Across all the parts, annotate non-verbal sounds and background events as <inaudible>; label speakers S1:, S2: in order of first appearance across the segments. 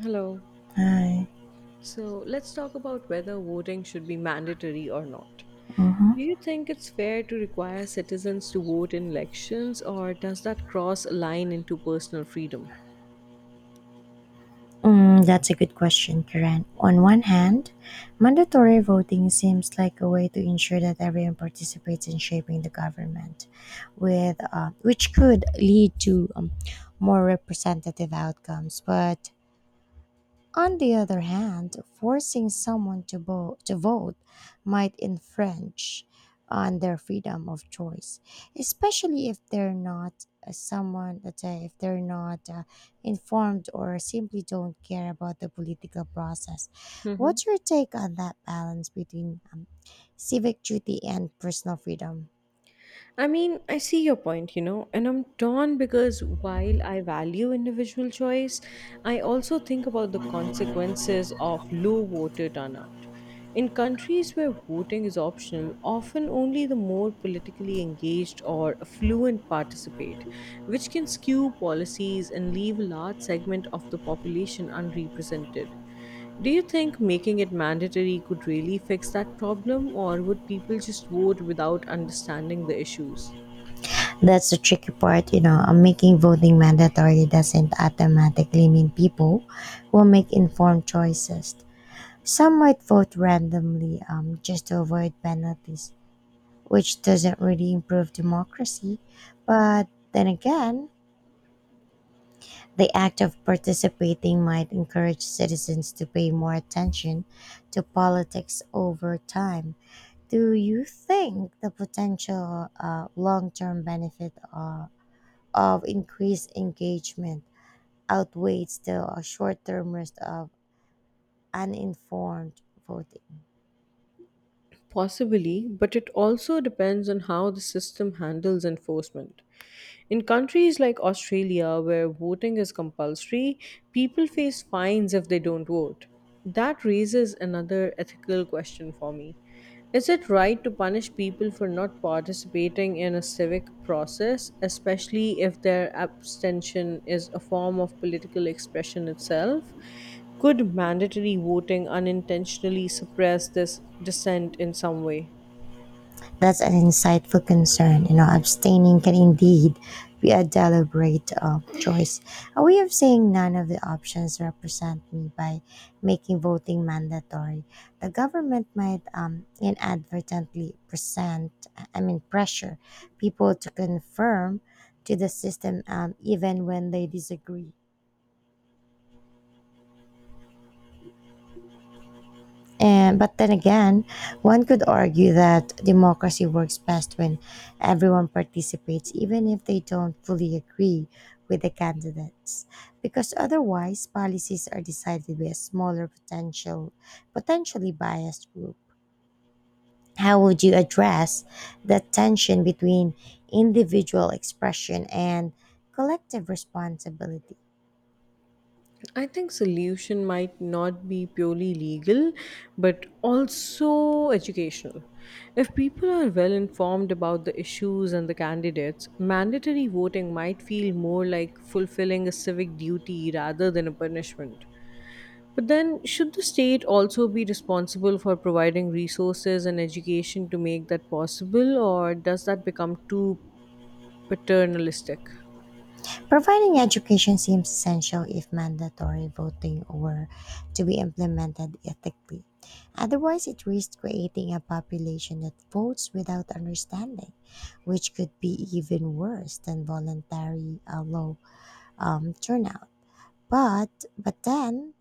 S1: Hello.
S2: Hi.
S1: So let's talk about whether voting should be mandatory or not.
S2: Mhm.
S1: Do you think it's fair to require citizens to vote in elections, or does that cross a line into personal freedom?
S2: That's a good question, Karen. On one hand, mandatory voting seems like a way to ensure that everyone participates in shaping the government, with which could lead to more representative outcomes. But on the other hand, forcing someone to vote might infringe on their freedom of choice, especially if they're not someone that if they're not informed or simply don't care about the political process. What's
S1: <laughs>
S2: your take on that balance between civic duty and personal freedom?
S1: I mean, I see your point, you know, and I'm torn because while I value individual choice, I also think about the consequences of low voter turnout. In countries where voting is optional, often only the more politically engaged or affluent participate, which can skew policies and leave a large segment of the population unrepresented. Do you think making it mandatory could really fix that problem, or would people just vote without understanding the issues?
S2: That's the tricky part, you know. Making voting mandatory doesn't automatically mean people will make informed choices. Some might vote randomly just to avoid penalties, which doesn't really improve democracy. But then again, the act of participating might encourage citizens to pay more attention to politics over time. Do you think the potential long term benefit of increased engagement outweighs the short term risk of uninformed voting?
S1: Possibly, but it also depends on how the system handles enforcement. In countries like Australia, where voting is compulsory, people face fines if they don't vote. That raises another ethical question for me. Is it right to punish people for not participating in a civic process, especially if their abstention is a form of political expression itself? Could mandatory voting unintentionally suppress this dissent in some way?
S2: That's an insightful concern. You know, abstaining can indeed be a deliberate choice, a way of saying none of the options represent me by making voting mandatory. The government might inadvertently present, I mean, pressure people to confirm to the system even when they disagree. And but then again, one could argue that democracy works best when everyone participates, even if they don't fully agree with the candidates, because otherwise policies are decided by a potentially biased group. How would you address that tension between individual expression and collective responsibility?
S1: I think solution might not be purely legal, but also educational. If people are well informed about the issues and the candidates, mandatory voting might feel more like fulfilling a civic duty rather than a punishment. But then, should the state also be responsible for providing resources and education to make that possible, or does that become too paternalistic?
S2: Providing education seems essential if mandatory voting were to be implemented ethically. Otherwise, it risks creating a population that votes without understanding, which could be even worse than voluntary low turnout. But then,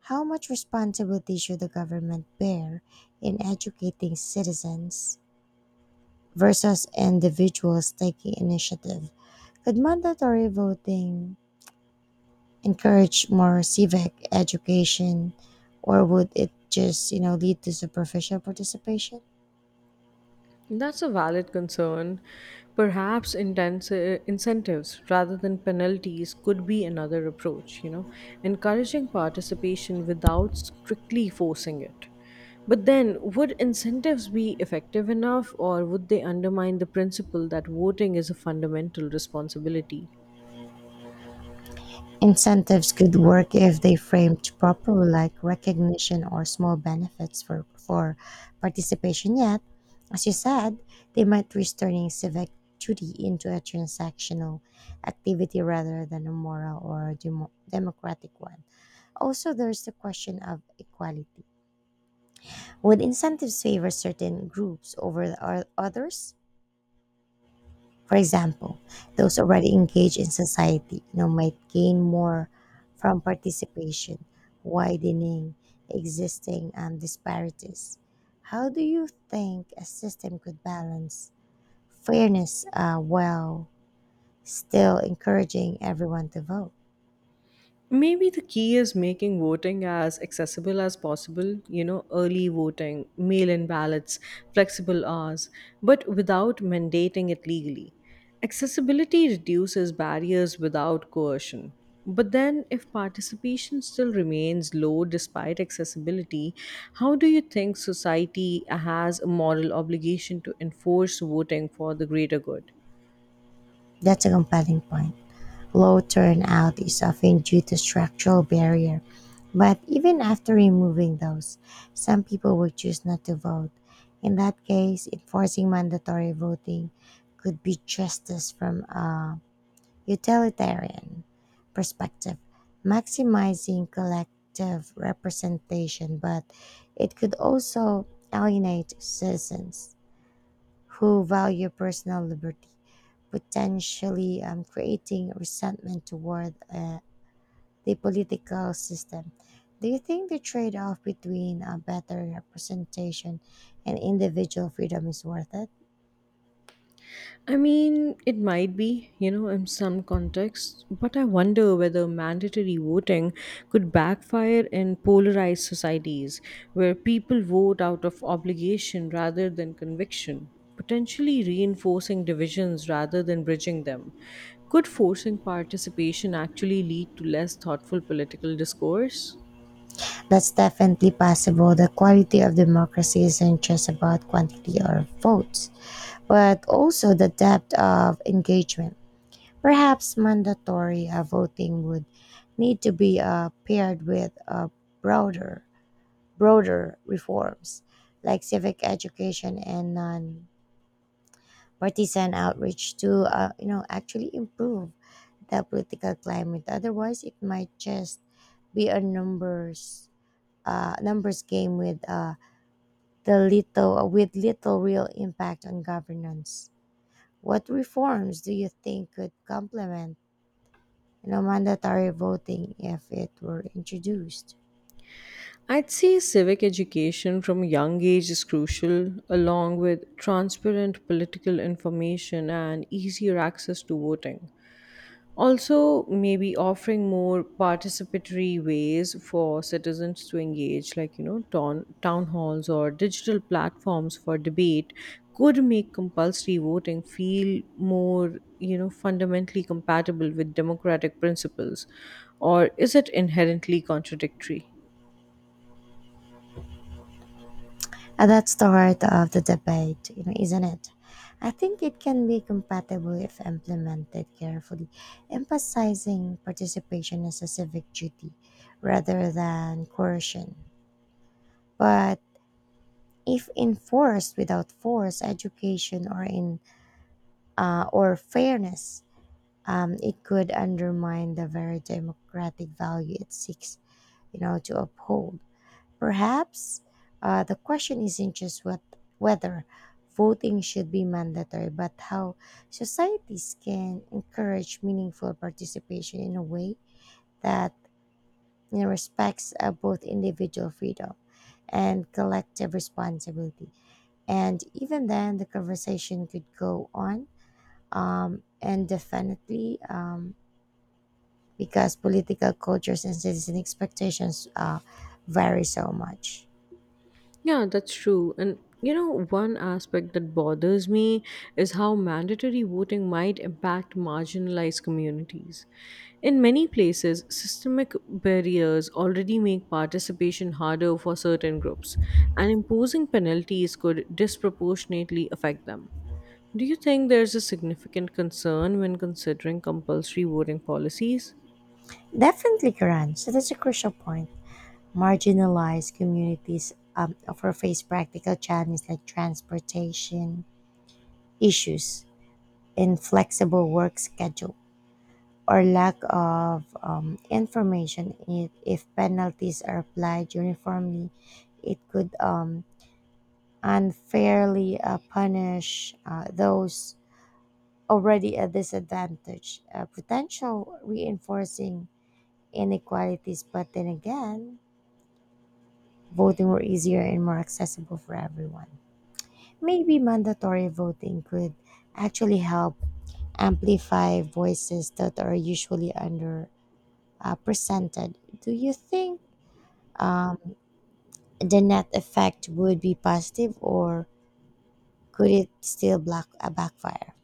S2: how much responsibility should the government bear in educating citizens versus individuals taking initiative? Could mandatory voting encourage more civic education, or would it just, you know, lead to superficial participation?
S1: That's a valid concern. Perhaps intense, incentives rather than penalties could be another approach, you know, encouraging participation without strictly forcing it. But then, would incentives be effective enough, or would they undermine the principle that voting is a fundamental responsibility?
S2: Incentives could work if they framed properly, like recognition or small benefits for participation. Yet, as you said, they might risk turning civic duty into a transactional activity rather than a moral or democratic one. Also, there's the question of equality. Would incentives favor certain groups over the others? For example, those already engaged in society you know, might gain more from participation, widening existing disparities. How do you think a system could balance fairness while still encouraging everyone to vote?
S1: Maybe the key is making voting as accessible as possible, you know, early voting, mail in ballots, flexible hours, but without mandating it legally. Accessibility reduces barriers without coercion. But then, if participation still remains low despite accessibility, how do you think society has a moral obligation to enforce voting for the greater good?
S2: That's a compelling point. Low turnout is often due to structural barrier, but even after removing those, some people will choose not to vote. In that case, enforcing mandatory voting could be justice from a utilitarian perspective, maximizing collective representation, but it could also alienate citizens who value personal liberty, potentially creating resentment toward the political system. Do you think the trade off between a better representation and individual freedom is worth it?
S1: I mean, it might be, you know, in some contexts, but I wonder whether mandatory voting could backfire in polarized societies where people vote out of obligation rather than conviction, potentially reinforcing divisions rather than bridging them. Could forcing participation actually lead to less thoughtful political discourse?
S2: That's definitely possible. The quality of democracy isn't just about quantity or votes, but also the depth of engagement. Perhaps mandatory voting would need to be paired with a broader broader reforms like civic education and non-partisan outreach to you know actually improve the political climate. Otherwise, it might just be a numbers game with the little with little real impact on governance. What reforms do you think could complement, you know, mandatory voting if it were introduced?
S1: I'd say civic education from a young age is crucial, along with transparent political information and easier access to voting. Also, maybe offering more participatory ways for citizens to engage, like, you know, town halls or digital platforms for debate, could make compulsory voting feel more, you know, fundamentally compatible with democratic principles. Or is it inherently contradictory?
S2: That's the heart of the debate, you know, isn't it? I think it can be compatible if implemented carefully, emphasizing participation as a civic duty rather than coercion. But if enforced without force, education, or fairness, it could undermine the very democratic value it seeks, you know, to uphold. Perhaps the question isn't just what whether voting should be mandatory, but how societies can encourage meaningful participation in a way that you know, respects both individual freedom and collective responsibility. And even then, the conversation could go on and definitely because political cultures and citizen expectations vary so much.
S1: Yeah, that's true. And you know, one aspect that bothers me is how mandatory voting might impact marginalized communities. In many places, systemic barriers already make participation harder for certain groups, and imposing penalties could disproportionately affect them. Do you think there's a significant concern when considering compulsory voting policies?
S2: Definitely, Karan. So that's a crucial point. Marginalized communities often face practical challenges like transportation issues, inflexible work schedule, or lack of information. If penalties are applied uniformly, it could unfairly punish those already at disadvantage, potential reinforcing inequalities. But then again, voting were easier and more accessible for everyone. Maybe mandatory voting could actually help amplify voices that are usually underrepresented. Do you think um, the net effect would be positive or could it still backfire?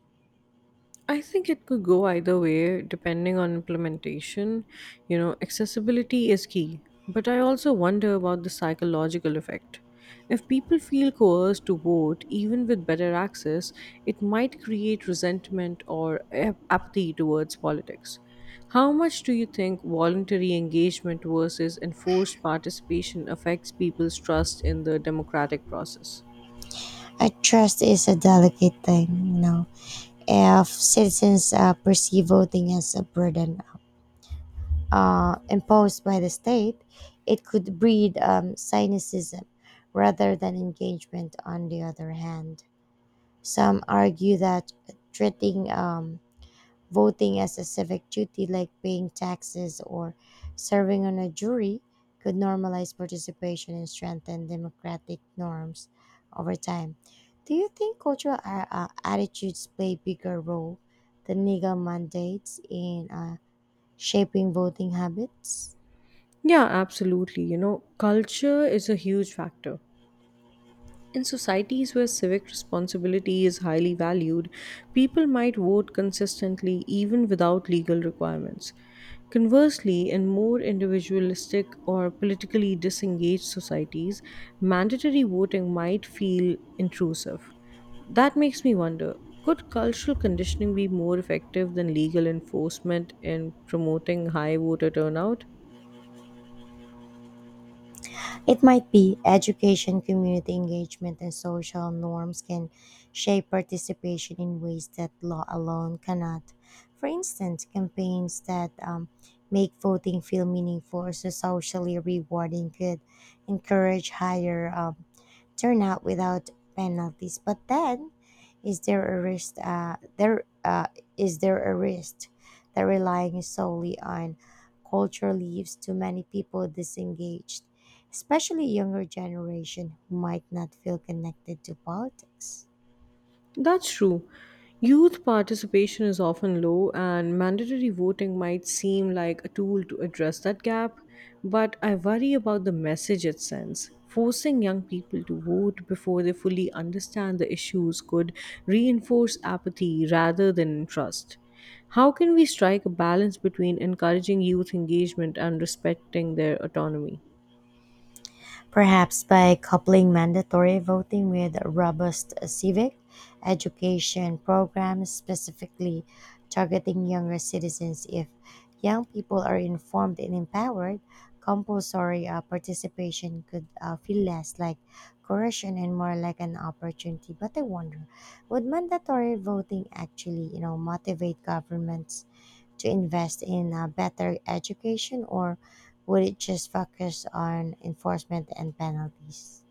S1: I think it could go either way depending on implementation. You know, accessibility is key, but I also wonder about the psychological effect. If people feel coerced to vote, even with better access, it might create resentment or apathy towards politics. How much do you think voluntary engagement versus enforced participation affects people's trust in the democratic process?
S2: I trust is a delicate thing, you know. If citizens perceive voting as a burden, imposed by the state, it could breed cynicism rather than engagement, on the other hand. Some argue that treating voting as a civic duty, like paying taxes or serving on a jury, could normalize participation and strengthen democratic norms over time. Do you think cultural attitudes play a bigger role than legal mandates in shaping voting habits?
S1: Yeah, absolutely. You know, culture is a huge factor. In societies where civic responsibility is highly valued, people might vote consistently even without legal requirements. Conversely, in more individualistic or politically disengaged societies, mandatory voting might feel intrusive. That makes me wonder, could cultural conditioning be more effective than legal enforcement in promoting high voter turnout?
S2: It might be education, community engagement, and social norms can shape participation in ways that law alone cannot. For instance, campaigns that make voting feel meaningful or so socially rewarding could encourage higher turnout without penalties. But then, is there a risk? There is there a risk that relying solely on culture leaves too many people disengaged? Especially younger generation who might not feel connected to politics.
S1: That's true. Youth participation is often low, and mandatory voting might seem like a tool to address that gap, but I worry about the message it sends. Forcing young people to vote before they fully understand the issues could reinforce apathy rather than trust. How can we strike a balance between encouraging youth engagement and respecting their autonomy?
S2: Perhaps by coupling mandatory voting with robust civic education programs specifically targeting younger citizens. If young people are informed and empowered, compulsory participation could feel less like coercion and more like an opportunity. But I wonder, would mandatory voting actually, you know, motivate governments to invest in a better education, or would it just focus on enforcement and penalties?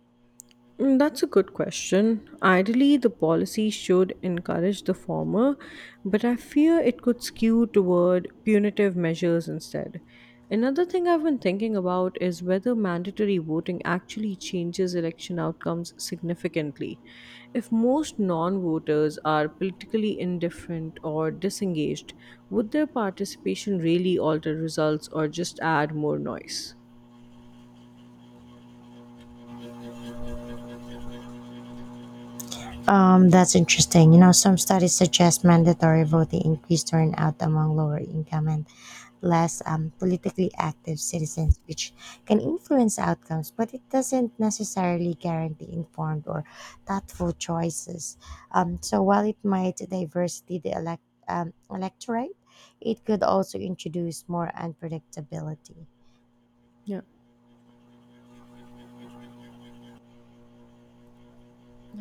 S1: That's a good question. Ideally, the policy should encourage the former, but I fear it could skew toward punitive measures instead. Another thing I've been thinking about is whether mandatory voting actually changes election outcomes significantly. If most non voters are politically indifferent or disengaged, would their participation really alter results or just add more noise?
S2: That's interesting. You know, some studies suggest mandatory voting increased turnout among lower income and less politically active citizens, which can influence outcomes, but it doesn't necessarily guarantee informed or thoughtful choices. So while it might diversity the electorate, it could also introduce more unpredictability.
S1: Yeah.